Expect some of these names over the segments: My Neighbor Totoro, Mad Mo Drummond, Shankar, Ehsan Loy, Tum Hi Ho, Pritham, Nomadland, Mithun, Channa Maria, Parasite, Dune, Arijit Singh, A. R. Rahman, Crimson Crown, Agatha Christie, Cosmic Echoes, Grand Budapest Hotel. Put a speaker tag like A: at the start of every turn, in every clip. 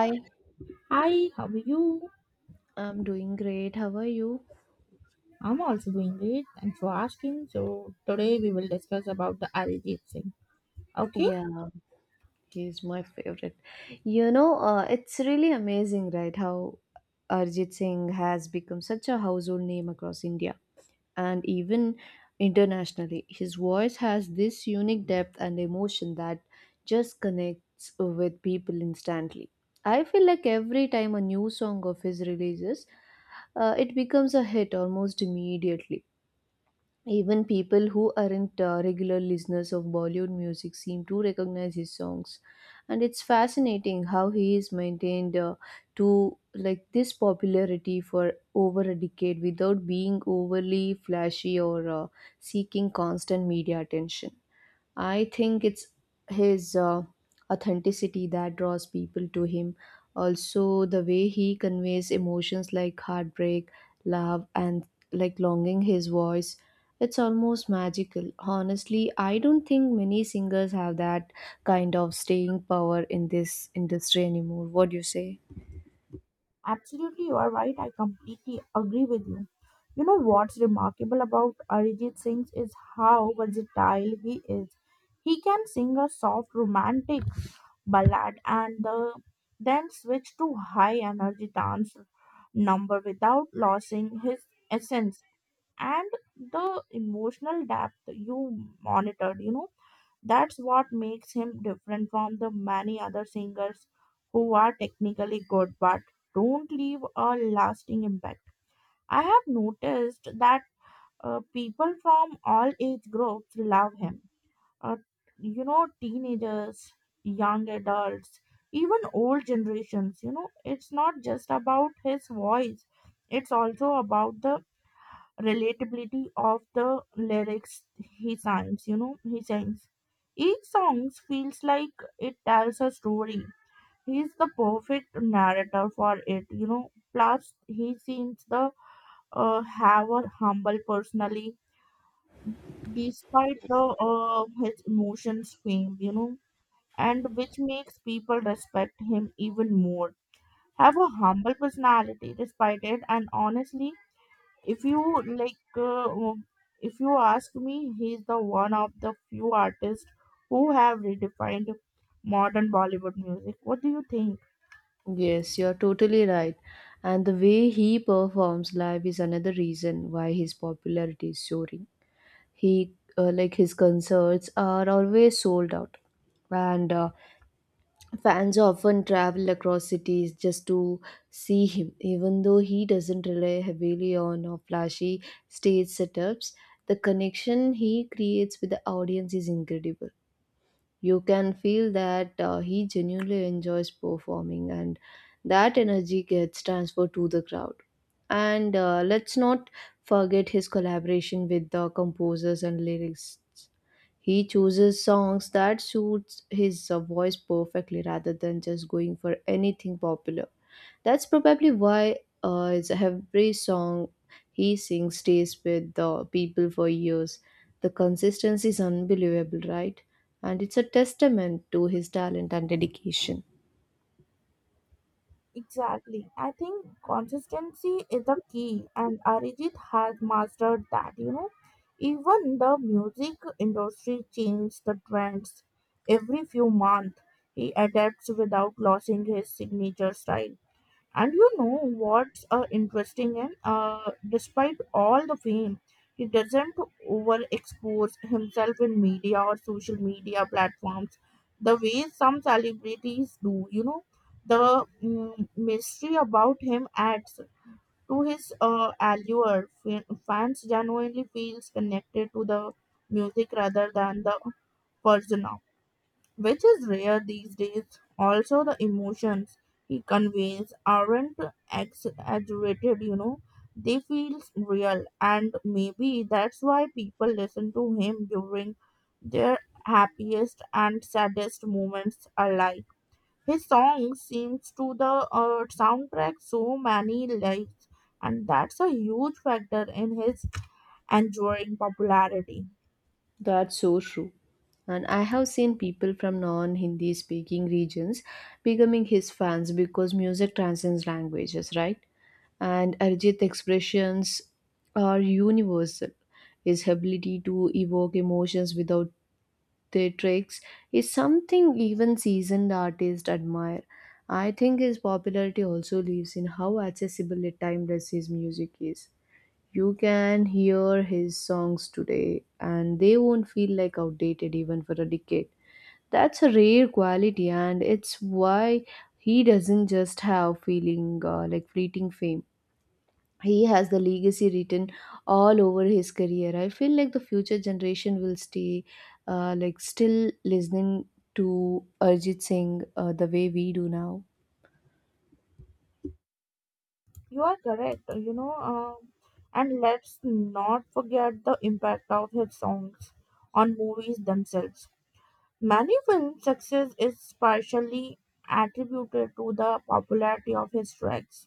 A: Hi,
B: Hi, how are you?
A: I'm doing great. How are you?
B: I'm also doing great. Thanks for asking. So today we will discuss about the Arijit Singh. Okay?
A: Yeah, he's my favorite. You know, it's really amazing, right? How Arjit Singh has become such a household name across India and even internationally. His voice has this unique depth and emotion that just connects with people instantly. I feel like every time a new song of his releases, it becomes a hit almost immediately. Even people who aren't regular listeners of Bollywood music seem to recognize his songs, and it's fascinating how he is maintained to like this popularity for over a decade without being overly flashy or seeking constant media attention. I think it's his authenticity that draws people to him. Also, the way he conveys emotions like heartbreak, love, and like longing, his voice, it's almost magical. Honestly, I don't think many singers have that kind of staying power in this industry anymore. What do you say?
B: Absolutely, you are right. I completely agree with you. You know what's remarkable about Arijit Singh is how versatile he is. He can sing a soft romantic ballad and then switch to high energy dance number without losing his essence. And the emotional depth you monitored, you know, that's what makes him different from the many other singers who are technically good but don't leave a lasting impact. I have noticed that people from all age groups love him. uh, you know, teenagers, young adults, even old generations. You know, it's not just about his voice, it's also about the relatability of the lyrics he signs. You know, he sings each song feels like it tells a story. He's the perfect narrator for it, you know. Plus he seems to have a humble personality despite the his emotions fame, you know, and which makes people respect him even more. Have a humble personality despite it, and honestly, if you like uh, um, if you ask me, he's the one of the few artists who have redefined modern bollywood music. What do you think?
A: Yes, you're totally right. And the way he performs live is another reason why his popularity is soaring. He like his concerts are always sold out, and fans often travel across cities just to see him, even though he doesn't rely heavily on flashy stage setups. The connection he creates with the audience is incredible. You can feel that he genuinely enjoys performing, and that energy gets transferred to the crowd. And let's not forget his collaboration with the composers and lyrics. He chooses songs that suits his voice perfectly rather than just going for anything popular. That's probably why every song he sings stays with the people for years. The consistency is unbelievable, right? And it's a testament to his talent and dedication.
B: Exactly, I think consistency is the key, and Arijit has mastered that, you know. Even the music industry changes the trends every few months, he adapts without losing his signature style. And you know what's interesting? And despite all the fame, he doesn't overexpose himself in media or social media platforms the way some celebrities do. You know, the mystery about him adds to his allure. Fans genuinely feels connected to the music rather than the person, which is rare these days. Also, the emotions he conveys aren't exaggerated, you know, they feel real, and maybe that's why people listen to him during their happiest and saddest moments alike. His song seems to the soundtrack so many lives, and that's a huge factor in his enduring popularity.
A: That's so true. And I have seen people from non Hindi speaking regions becoming his fans because music transcends languages, right? And Arijit's expressions are universal. His ability to evoke emotions without the tricks is something even seasoned artists admire. I think his popularity also lives in how accessible and timeless his music is. You can hear his songs today and they won't feel like outdated even for a decade. That's a rare quality, and it's why he doesn't just have feeling like fleeting fame. He has the legacy written all over his career. I feel like the future generation will stay like still listening to Arjit Singh the way we do now.
B: You are correct, you know, and let's not forget the impact of his songs on movies themselves. Many film success is partially attributed to the popularity of his tracks.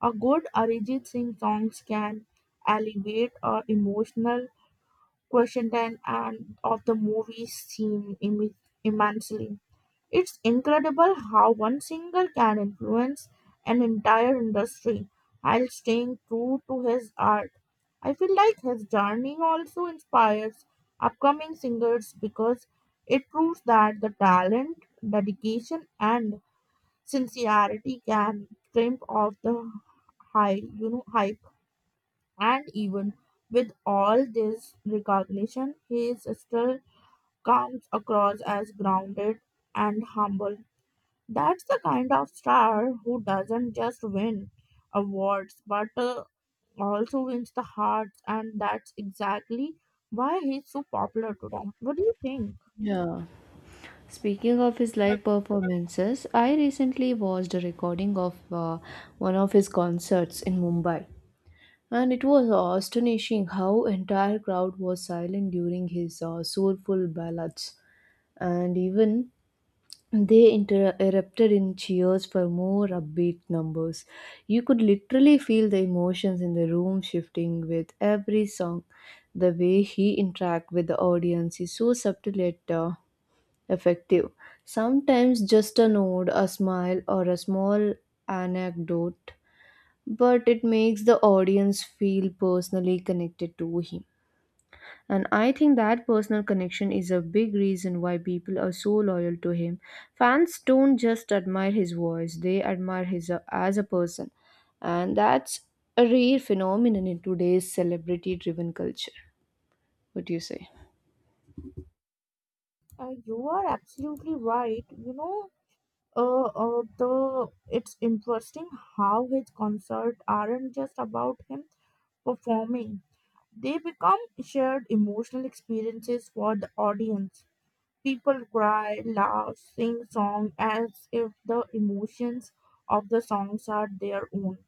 B: A good Arijit Singh songs can alleviate a emotional question and of the movie scene immensely. It's incredible how one singer can influence an entire industry while staying true to his art. I feel like his journey also inspires upcoming singers because it proves that the talent, dedication, and sincerity can crimp off the high hype. And even with all this recognition, he is still comes across as grounded and humble. That's the kind of star who doesn't just win awards but also wins the hearts, and that's exactly why he's so popular today. What do you think?
A: Yeah. Speaking of his live performances, I recently watched a recording of one of his concerts in Mumbai. And it was astonishing how entire crowd was silent during his soulful ballads. And even they erupted in cheers for more upbeat numbers. You could literally feel the emotions in the room shifting with every song. The way he interacts with the audience is so subtle yet effective. Sometimes just a nod, a smile, or a small anecdote, but it makes the audience feel personally connected to him. And I think that personal connection is a big reason why people are so loyal to him. Fans don't just admire his voice, they admire his as a person. And that's a rare phenomenon in today's celebrity driven culture. What do you say?
B: You are absolutely right. You know, the it's interesting how his concerts aren't just about him performing; they become shared emotional experiences for the audience. People cry, laugh, sing songs as if the emotions of the songs are their own.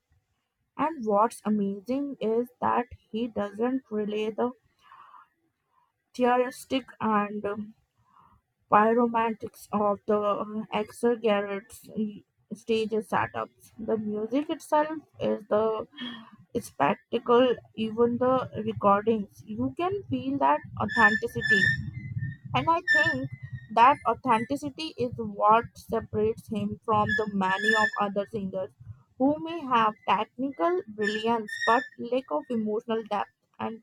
B: And what's amazing is that he doesn't relay the theatrical and pyromantics of the exaggerated stage setups. The music itself is the spectacle, even the recordings. You can feel that authenticity. And I think that authenticity is what separates him from the many of other singers who may have technical brilliance but lack of emotional depth. And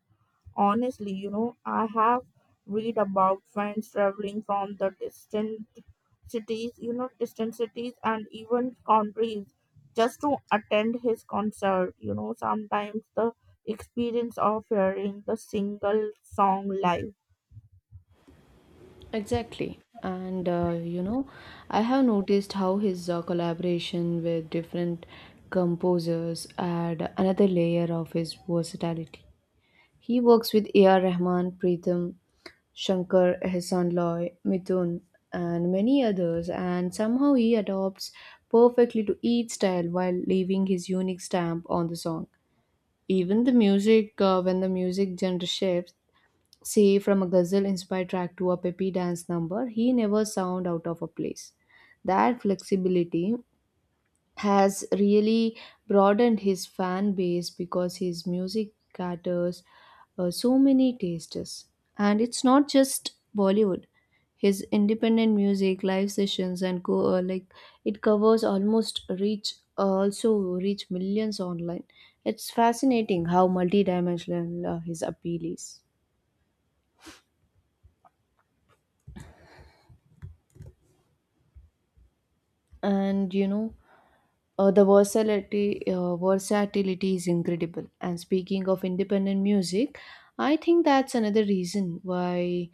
B: honestly, you know, I have read about friends traveling from the distant cities, you know, distant cities and even countries just to attend his concert. You know, sometimes the experience of hearing the single song live.
A: Exactly. And you know, I have noticed how his collaboration with different composers add another layer of his versatility. He works with A. R. Rahman, Pritham, Shankar, Ehsan Loy, Mithun, and many others, and somehow he adapts perfectly to each style while leaving his unique stamp on the song. Even the music, when the music genre shifts, say from a ghazal inspired track to a peppy dance number, he never sound out of a place. That flexibility has really broadened his fan base because his music caters so many tastes. And it's not just Bollywood. His independent music, live sessions, and like it covers almost reach also reach millions online. It's fascinating how multidimensional his appeal is. And you know, the versatility, versatility is incredible. And speaking of independent music, I think that's another reason why,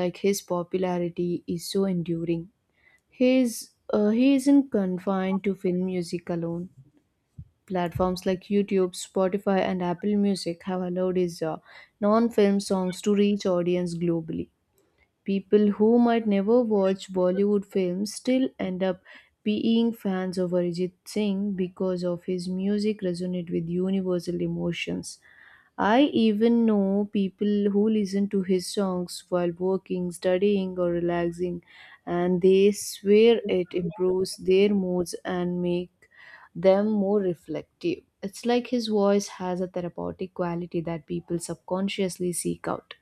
A: like his popularity is so enduring. His he isn't confined to film music alone. Platforms like YouTube, Spotify, and Apple Music have allowed his non-film songs to reach audience globally. People who might never watch Bollywood films still end up being fans of Arijit Singh because of his music resonate with universal emotions. I even know people who listen to his songs while working, studying or relaxing, and they swear it improves their moods and make them more reflective. It's like his voice has a therapeutic quality that people subconsciously seek out.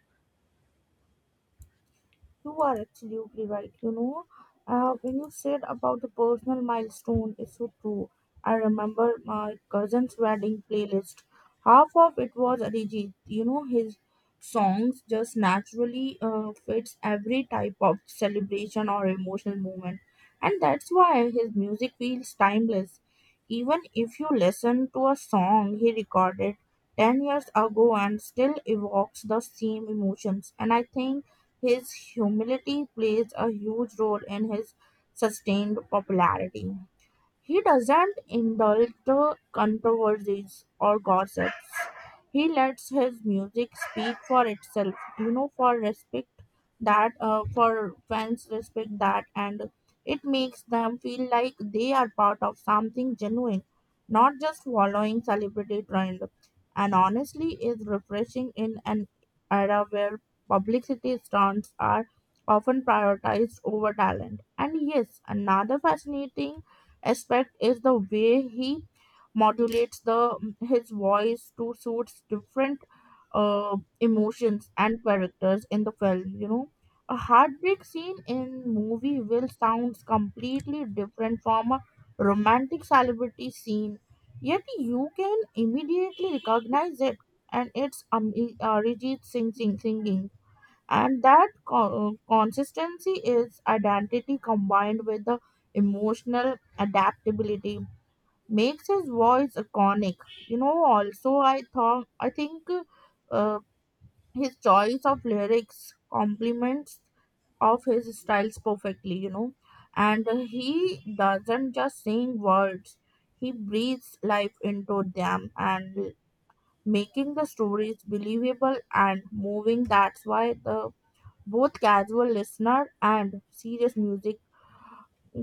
B: You are absolutely right. You know, when you said about the personal milestone, it's so true. I remember my cousin's wedding playlist. Half of it was Arijit. You know, his songs just naturally fits every type of celebration or emotional moment, and that's why his music feels timeless. Even if you listen to a song he recorded 10 years ago and still evokes the same emotions, and I think his humility plays a huge role in his sustained popularity. He doesn't indulge the controversies or gossips. He lets his music speak for itself. You know, for respect that, for fans respect that, and it makes them feel like they are part of something genuine, not just following celebrity trend. And honestly, is refreshing in an era where publicity stunts are often prioritized over talent. And yes, another fascinating aspect is the way he modulates the his voice to suits different emotions and characters in the film. You know, a heartbreak scene in movie will sounds completely different from a romantic celebrity scene, yet you can immediately recognize it. And it's Arijit Singh singing, and that consistency is identity combined with the emotional adaptability makes his voice iconic. You know, also I thought, I think, uh, his choice of lyrics complements of his styles perfectly, you know, and he doesn't just sing words, he breathes life into them, and making the stories believable and moving. That's why the both casual listener and serious music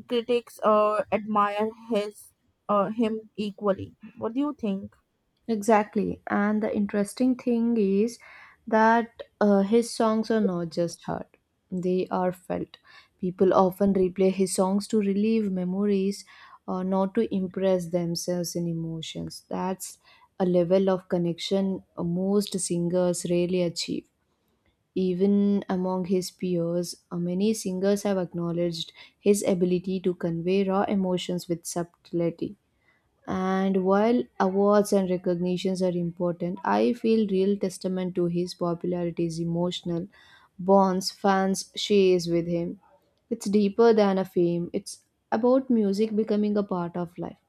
B: critics admire his him equally. What do you think?
A: Exactly. And the interesting thing is that his songs are not just heard, they are felt. People often replay his songs to relieve memories, not to impress themselves in emotions. That's a level of connection most singers rarely achieve. Even among his peers, many singers have acknowledged his ability to convey raw emotions with subtlety. And while awards and recognitions are important, I feel real testament to his popularity is emotional bonds fans shares with him. It's deeper than a fame. It's about music becoming a part of life,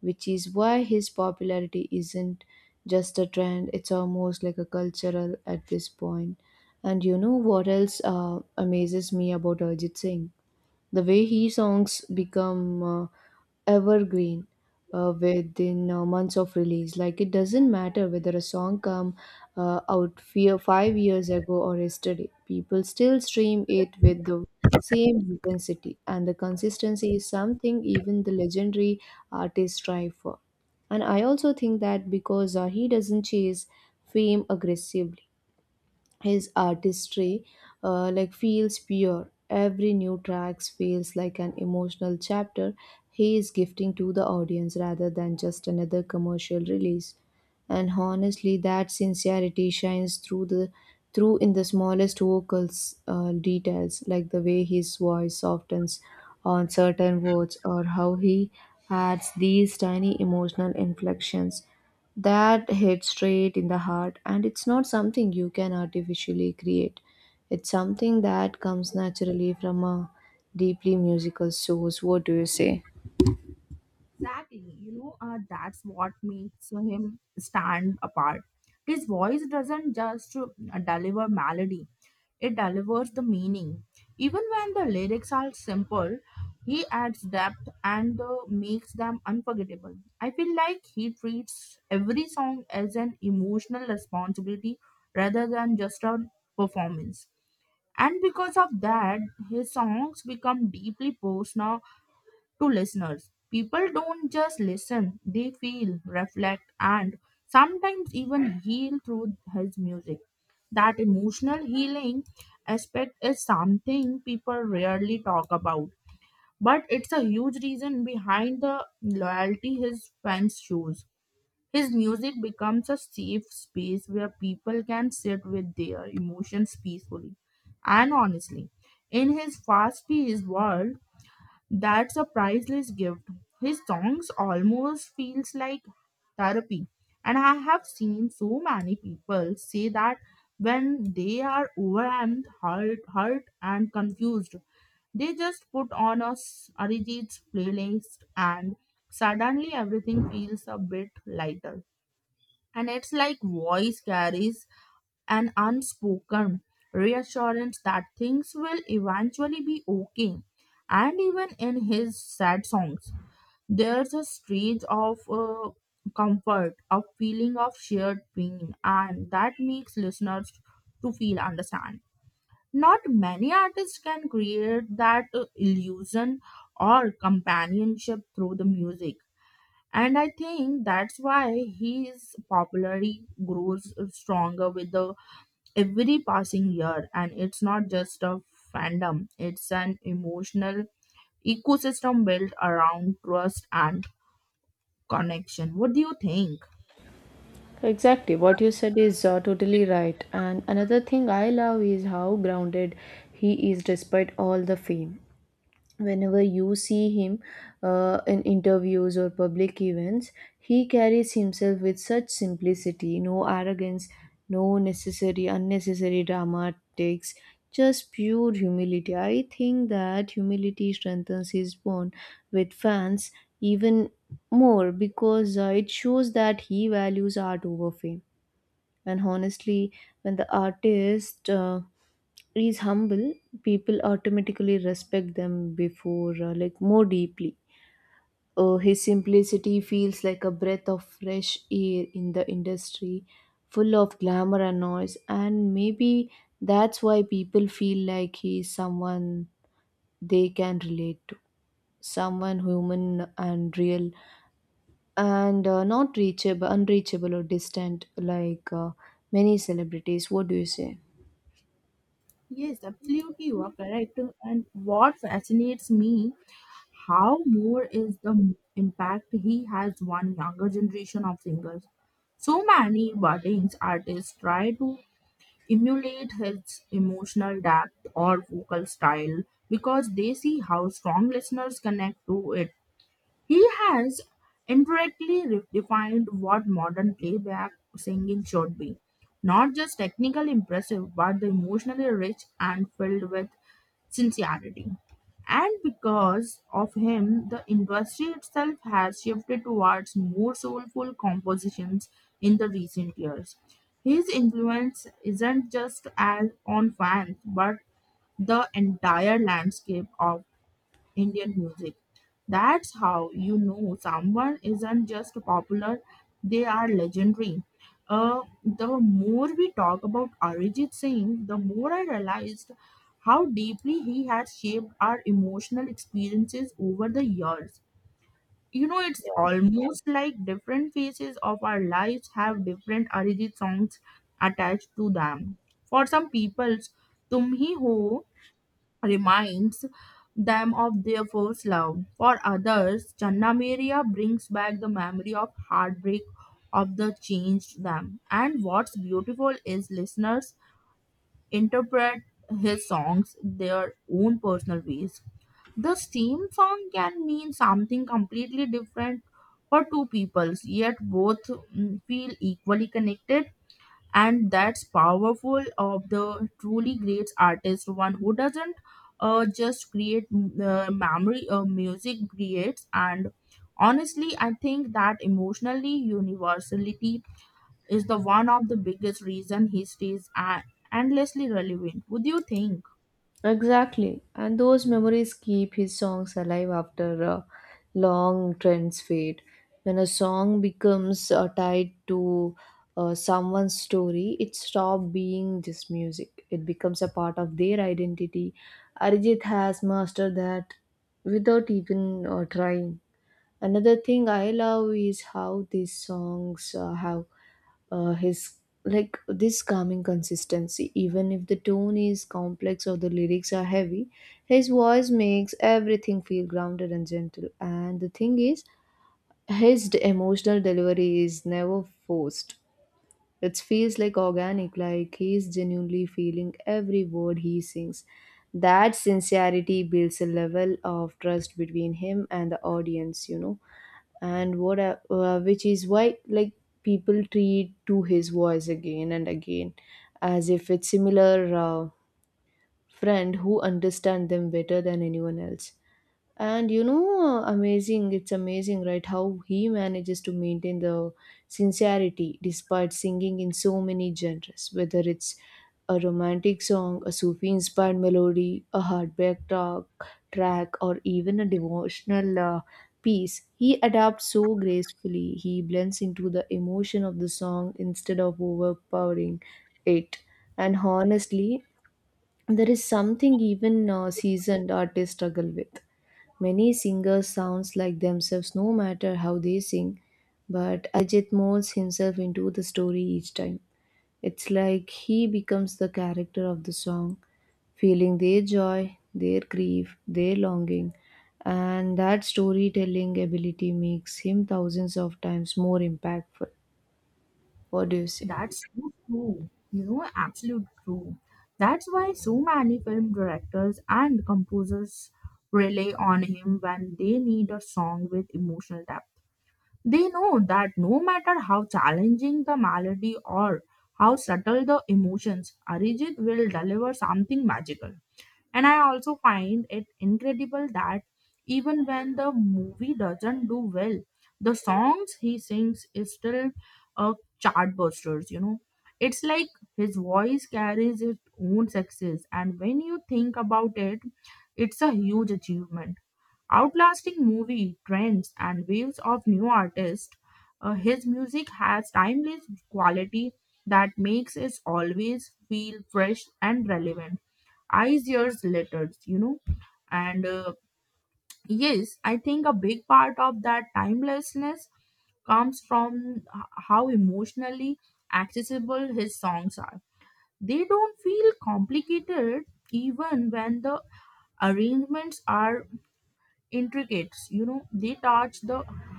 A: which is why his popularity isn't just a trend. It's almost like a cultural at this point. And you know what else amazes me about Arjit Singh? The way he songs become evergreen within months of release. Like it doesn't matter whether a song come out fear 5 years ago or yesterday, people still stream it with the same intensity, and the consistency is something even the legendary artists strive for. And I also think that because he doesn't chase fame aggressively, his artistry like feels pure. Every new track feels like an emotional chapter he is gifting to the audience rather than just another commercial release. And honestly, that sincerity shines through in the smallest vocals details, like the way his voice softens on certain words or how he adds these tiny emotional inflections that hits straight in the heart. And it's not something you can artificially create, it's something that comes naturally from a deeply musical source. What do you say?
B: Exactly. You know, that's what makes him stand apart. His voice doesn't just deliver melody. It delivers the meaning. Even when the lyrics are simple, he adds depth and makes them unforgettable. I feel like he treats every song as an emotional responsibility rather than just a performance. And because of that, his songs become deeply personal to listeners. People don't just listen, they feel, reflect, and sometimes even heal through his music. That emotional healing aspect is something people rarely talk about, but it's a huge reason behind the loyalty his fans shows. His music becomes a safe space where people can sit with their emotions peacefully, and honestly. In his fast paced world, that's a priceless gift. His songs almost feels like therapy. And I have seen so many people say that when they are overwhelmed, hurt and confused, they just put on a Arijit's playlist, and suddenly everything feels a bit lighter. And it's like voice carries an unspoken reassurance that things will eventually be okay. And even in his sad songs, there's a strange of comfort, a feeling of shared pain, and that makes listeners to feel understand. Not many artists can create that illusion or companionship through the music. And I think that's why his popularity grows stronger with the every passing year, and it's not just a fandom, it's an emotional ecosystem built around trust and connection. What do you think?
A: Exactly, what you said is totally right. And another thing I love is how grounded he is despite all the fame. Whenever you see him in interviews or public events, he carries himself with such simplicity, no arrogance, no necessary, unnecessary dramatics, just pure humility. I think that humility strengthens his bond with fans even more because it shows that he values art over fame. And honestly, when the artist is humble, people automatically respect them before, like more deeply. His simplicity feels like a breath of fresh air in the industry, full of glamour and noise. And maybe that's why people feel like he's someone they can relate to, someone human and real, and not reachable, unreachable or distant like many celebrities. What do you say?
B: Yes, absolutely, you are correct, and what fascinates me how more is the impact he has on younger generation of singers. So many budding artists try to emulate his emotional depth or vocal style because they see how strong listeners connect to it. He has indirectly defined what modern playback singing should be, not just technically impressive, but the emotionally rich and filled with sincerity. And because of him, the industry itself has shifted towards more soulful compositions in the recent years. His influence isn't just as on fans, but the entire landscape of Indian music. That's how you know someone isn't just popular, they are legendary. The more we talk about Arijit Singh, the more I realized how deeply he has shaped our emotional experiences over the years. You know, it's almost like different phases of our lives have different Arijit songs attached to them. For some people, Tum Hi Ho reminds them of their first love. For others, Channa Maria brings back the memory of heartbreak of the changed them. And what's beautiful is listeners interpret his songs their own personal ways. The same song can mean something completely different for two peoples, yet both feel equally connected, and that's powerful of the truly great artist, one who doesn't just create memory music creates. And honestly, I think that emotionally universality is the one of the biggest reason he stays endlessly relevant. Would you think?
A: Exactly. And those memories keep his songs alive after long trends fade. When a song becomes tied to someone's story, it stops being just music. It becomes a part of their identity. Arijit has mastered that without even trying. Another thing I love is how these songs have his like this calming consistency. Even if the tone is complex or the lyrics are heavy, his voice makes everything feel grounded and gentle. And the thing is, his emotional delivery is never forced. It feels like organic, like he is genuinely feeling every word he sings. That sincerity builds a level of trust between him and the audience, you know, and which is why like people treat to his voice again and again as if it's similar friend who understand them better than anyone else. And you know, it's amazing, right? How he manages to maintain the sincerity despite singing in so many genres, whether it's a romantic song, a Sufi inspired melody, a track, or even a devotional piece. He adapts so gracefully, he blends into the emotion of the song instead of overpowering it. And honestly, there is something even seasoned artists struggle with. Many singers sounds like themselves no matter how they sing, but Ajit molds himself into the story each time. It's like he becomes the character of the song, feeling their joy, their grief, their longing, and that storytelling ability makes him thousands of times more impactful. What do you say?
B: That's so true, you know, absolute true. That's why so many film directors and composers rely on him when they need a song with emotional depth. They know that no matter how challenging the melody or how subtle the emotions, Arijit will deliver something magical. And I also find it incredible that even when the movie doesn't do well, the songs he sings is still a chartbusters, you know. It's like his voice carries its own success, and when you think about it, it's a huge achievement outlasting movie trends and waves of new artists. His music has timeless quality that makes it always feel fresh and relevant. Eyes, years later, you know. And yes, I think a big part of that timelessness comes from how emotionally accessible his songs are. They don't feel complicated even when the arrangements are intricates. You know, they touch the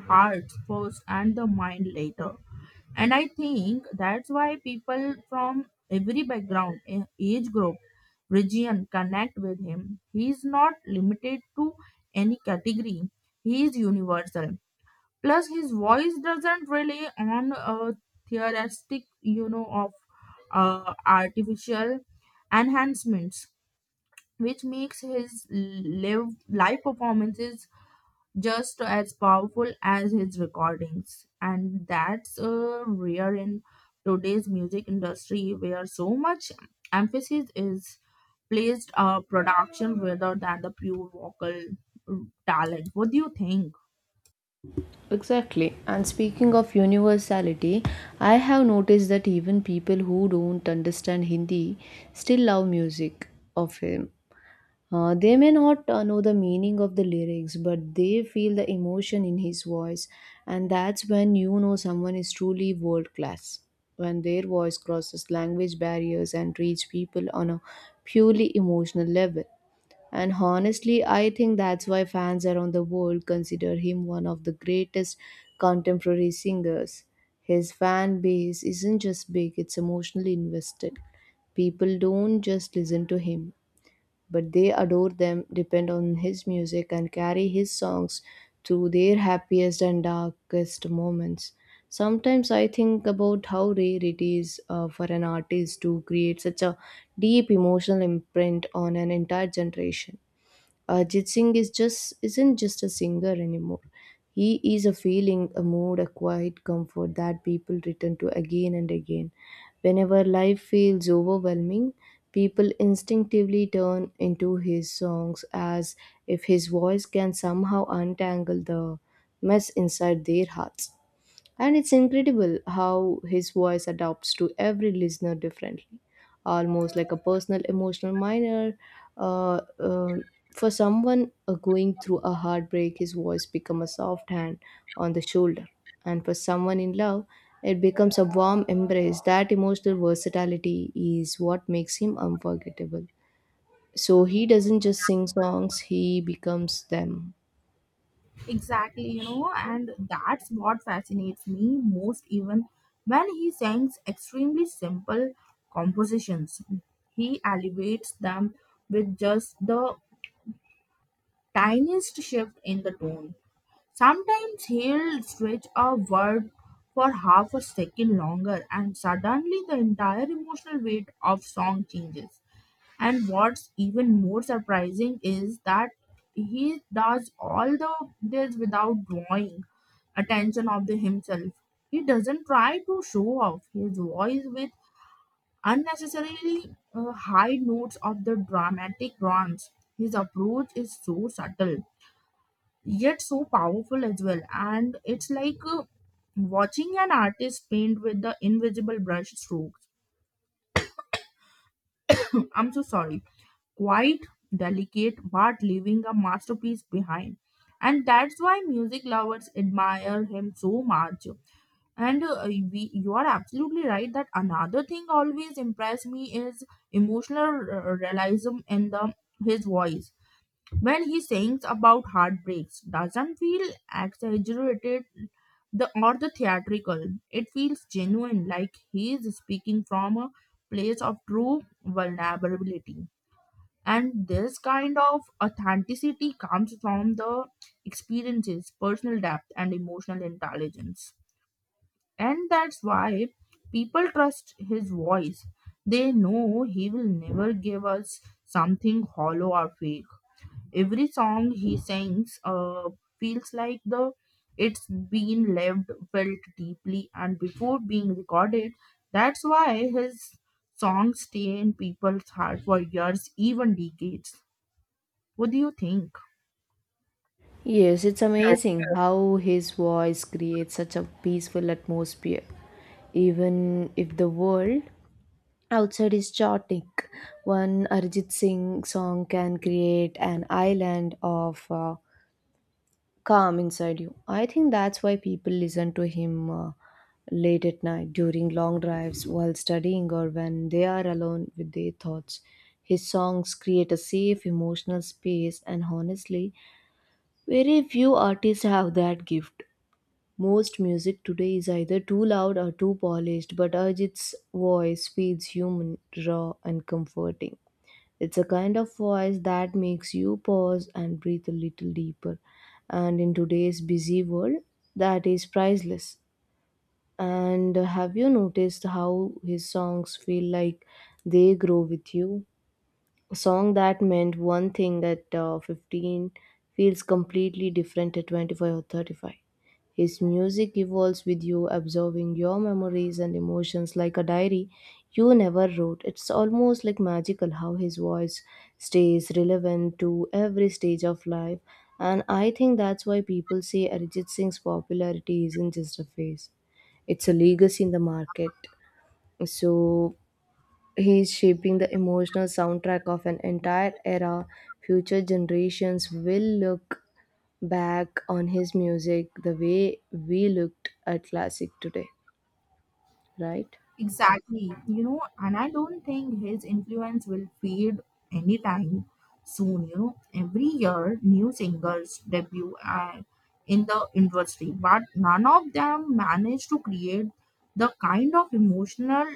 B: heart first and the mind later, and I think that's why people from every background, age group, region connect with him. He is not limited to any category, he is universal. Plus his voice doesn't rely on a theoretic, you know, of artificial enhancements, which makes his live performances just as powerful as his recordings. And that's rare in today's music industry where so much emphasis is placed on production rather than the pure vocal uh, talent. What do you think?
A: Exactly. And speaking of universality, I have noticed that even people who don't understand Hindi still love music of him. They may not know the meaning of the lyrics, but they feel the emotion in his voice, and that's when you know someone is truly world class. When their voice crosses language barriers and reach people on a purely emotional level. And honestly, I think that's why fans around the world consider him one of the greatest contemporary singers. His fan base isn't just big, it's emotionally invested. People don't just listen to him but they adore them, depend on his music, and carry his songs through their happiest and darkest moments. Sometimes I think about how rare it is for an artist to create such a deep emotional imprint on an entire generation. Ajit Singh is just isn't just a singer anymore. He is a feeling, a mood, a quiet comfort that people return to again and again. Whenever life feels overwhelming, people instinctively turn into his songs as if his voice can somehow untangle the mess inside their hearts. And it's incredible how his voice adapts to every listener differently, almost like a personal emotional minor. Uh, uh, for someone going through a heartbreak, his voice becomes a soft hand on the shoulder. And for someone in love, it becomes a warm embrace. That emotional versatility is what makes him unforgettable. So he doesn't just sing songs, he becomes them.
B: Exactly, you know, and that's what fascinates me most even when he sings extremely simple compositions. He elevates them with just the tiniest shift in the tone. Sometimes he'll stretch a word for half a second longer, and suddenly the entire emotional weight of song changes. And what's even more surprising is that he does all the this without drawing attention of the himself. He doesn't try to show off his voice with unnecessarily high notes of the dramatic runs. His approach is so subtle yet so powerful as well, and it's like watching an artist paint with the invisible brush strokes. I'm so sorry, quite delicate, but leaving a masterpiece behind, and that's why music lovers admire him so much. And you are absolutely right, that another thing always impressed me is emotional realism in the his voice. When he sings about heartbreaks, doesn't feel exaggerated the, or the theatrical. It feels genuine, like he is speaking from a place of true vulnerability. And this kind of authenticity comes from the experiences, personal depth, and emotional intelligence. And that's why people trust his voice. They know he will never give us something hollow or fake. Every song he sings feels like the it's been lived, felt deeply, and before being recorded. That's why his songs stay in people's heart for years, even decades. What do you think?
A: Yes, it's amazing how his voice creates such a peaceful atmosphere. Even if the world outside is chaotic, one Arjit Singh song can create an island of calm inside you. I think that's why people listen to him late at night, during long drives, while studying, or when they are alone with their thoughts. His songs create a safe emotional space, and honestly, very few artists have that gift. Most music today is either too loud or too polished, but Arjit's voice feels human, raw, and comforting. It's a kind of voice that makes you pause and breathe a little deeper. And in today's busy world, that is priceless. And have you noticed how his songs feel like they grow with you? A song that meant one thing at 15 feels completely different at 25 or 35. His music evolves with you, absorbing your memories and emotions like a diary you never wrote. It's almost like magical how his voice stays relevant to every stage of life, and I think that's why people say Arijit Singh's popularity isn't just a phase, it's a legacy in the market. So, he is shaping the emotional soundtrack of an entire era. Future generations will look back on his music the way we looked at classic today, right?
B: Exactly. You know, and I don't think his influence will fade anytime soon. You know, every year new singers debut in the industry, but none of them manage to create the kind of emotional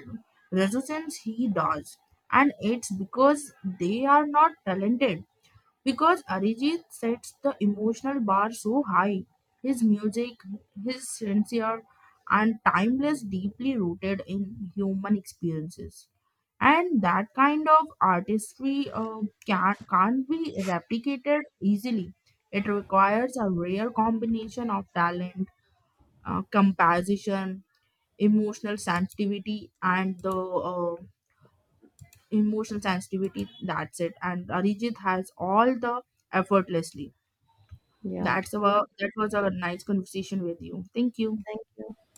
B: resonance he does. And it's because they are not talented, because Arijit sets the emotional bar so high, his music is sincere and timeless, deeply rooted in human experiences. And that kind of artistry can't be replicated easily. It requires a rare combination of talent, composition, emotional sensitivity, and the emotional sensitivity. That's it. And Arijit has all the effortlessly.
A: Yeah.
B: That's about that was a nice conversation with you. Thank you.
A: Thank you.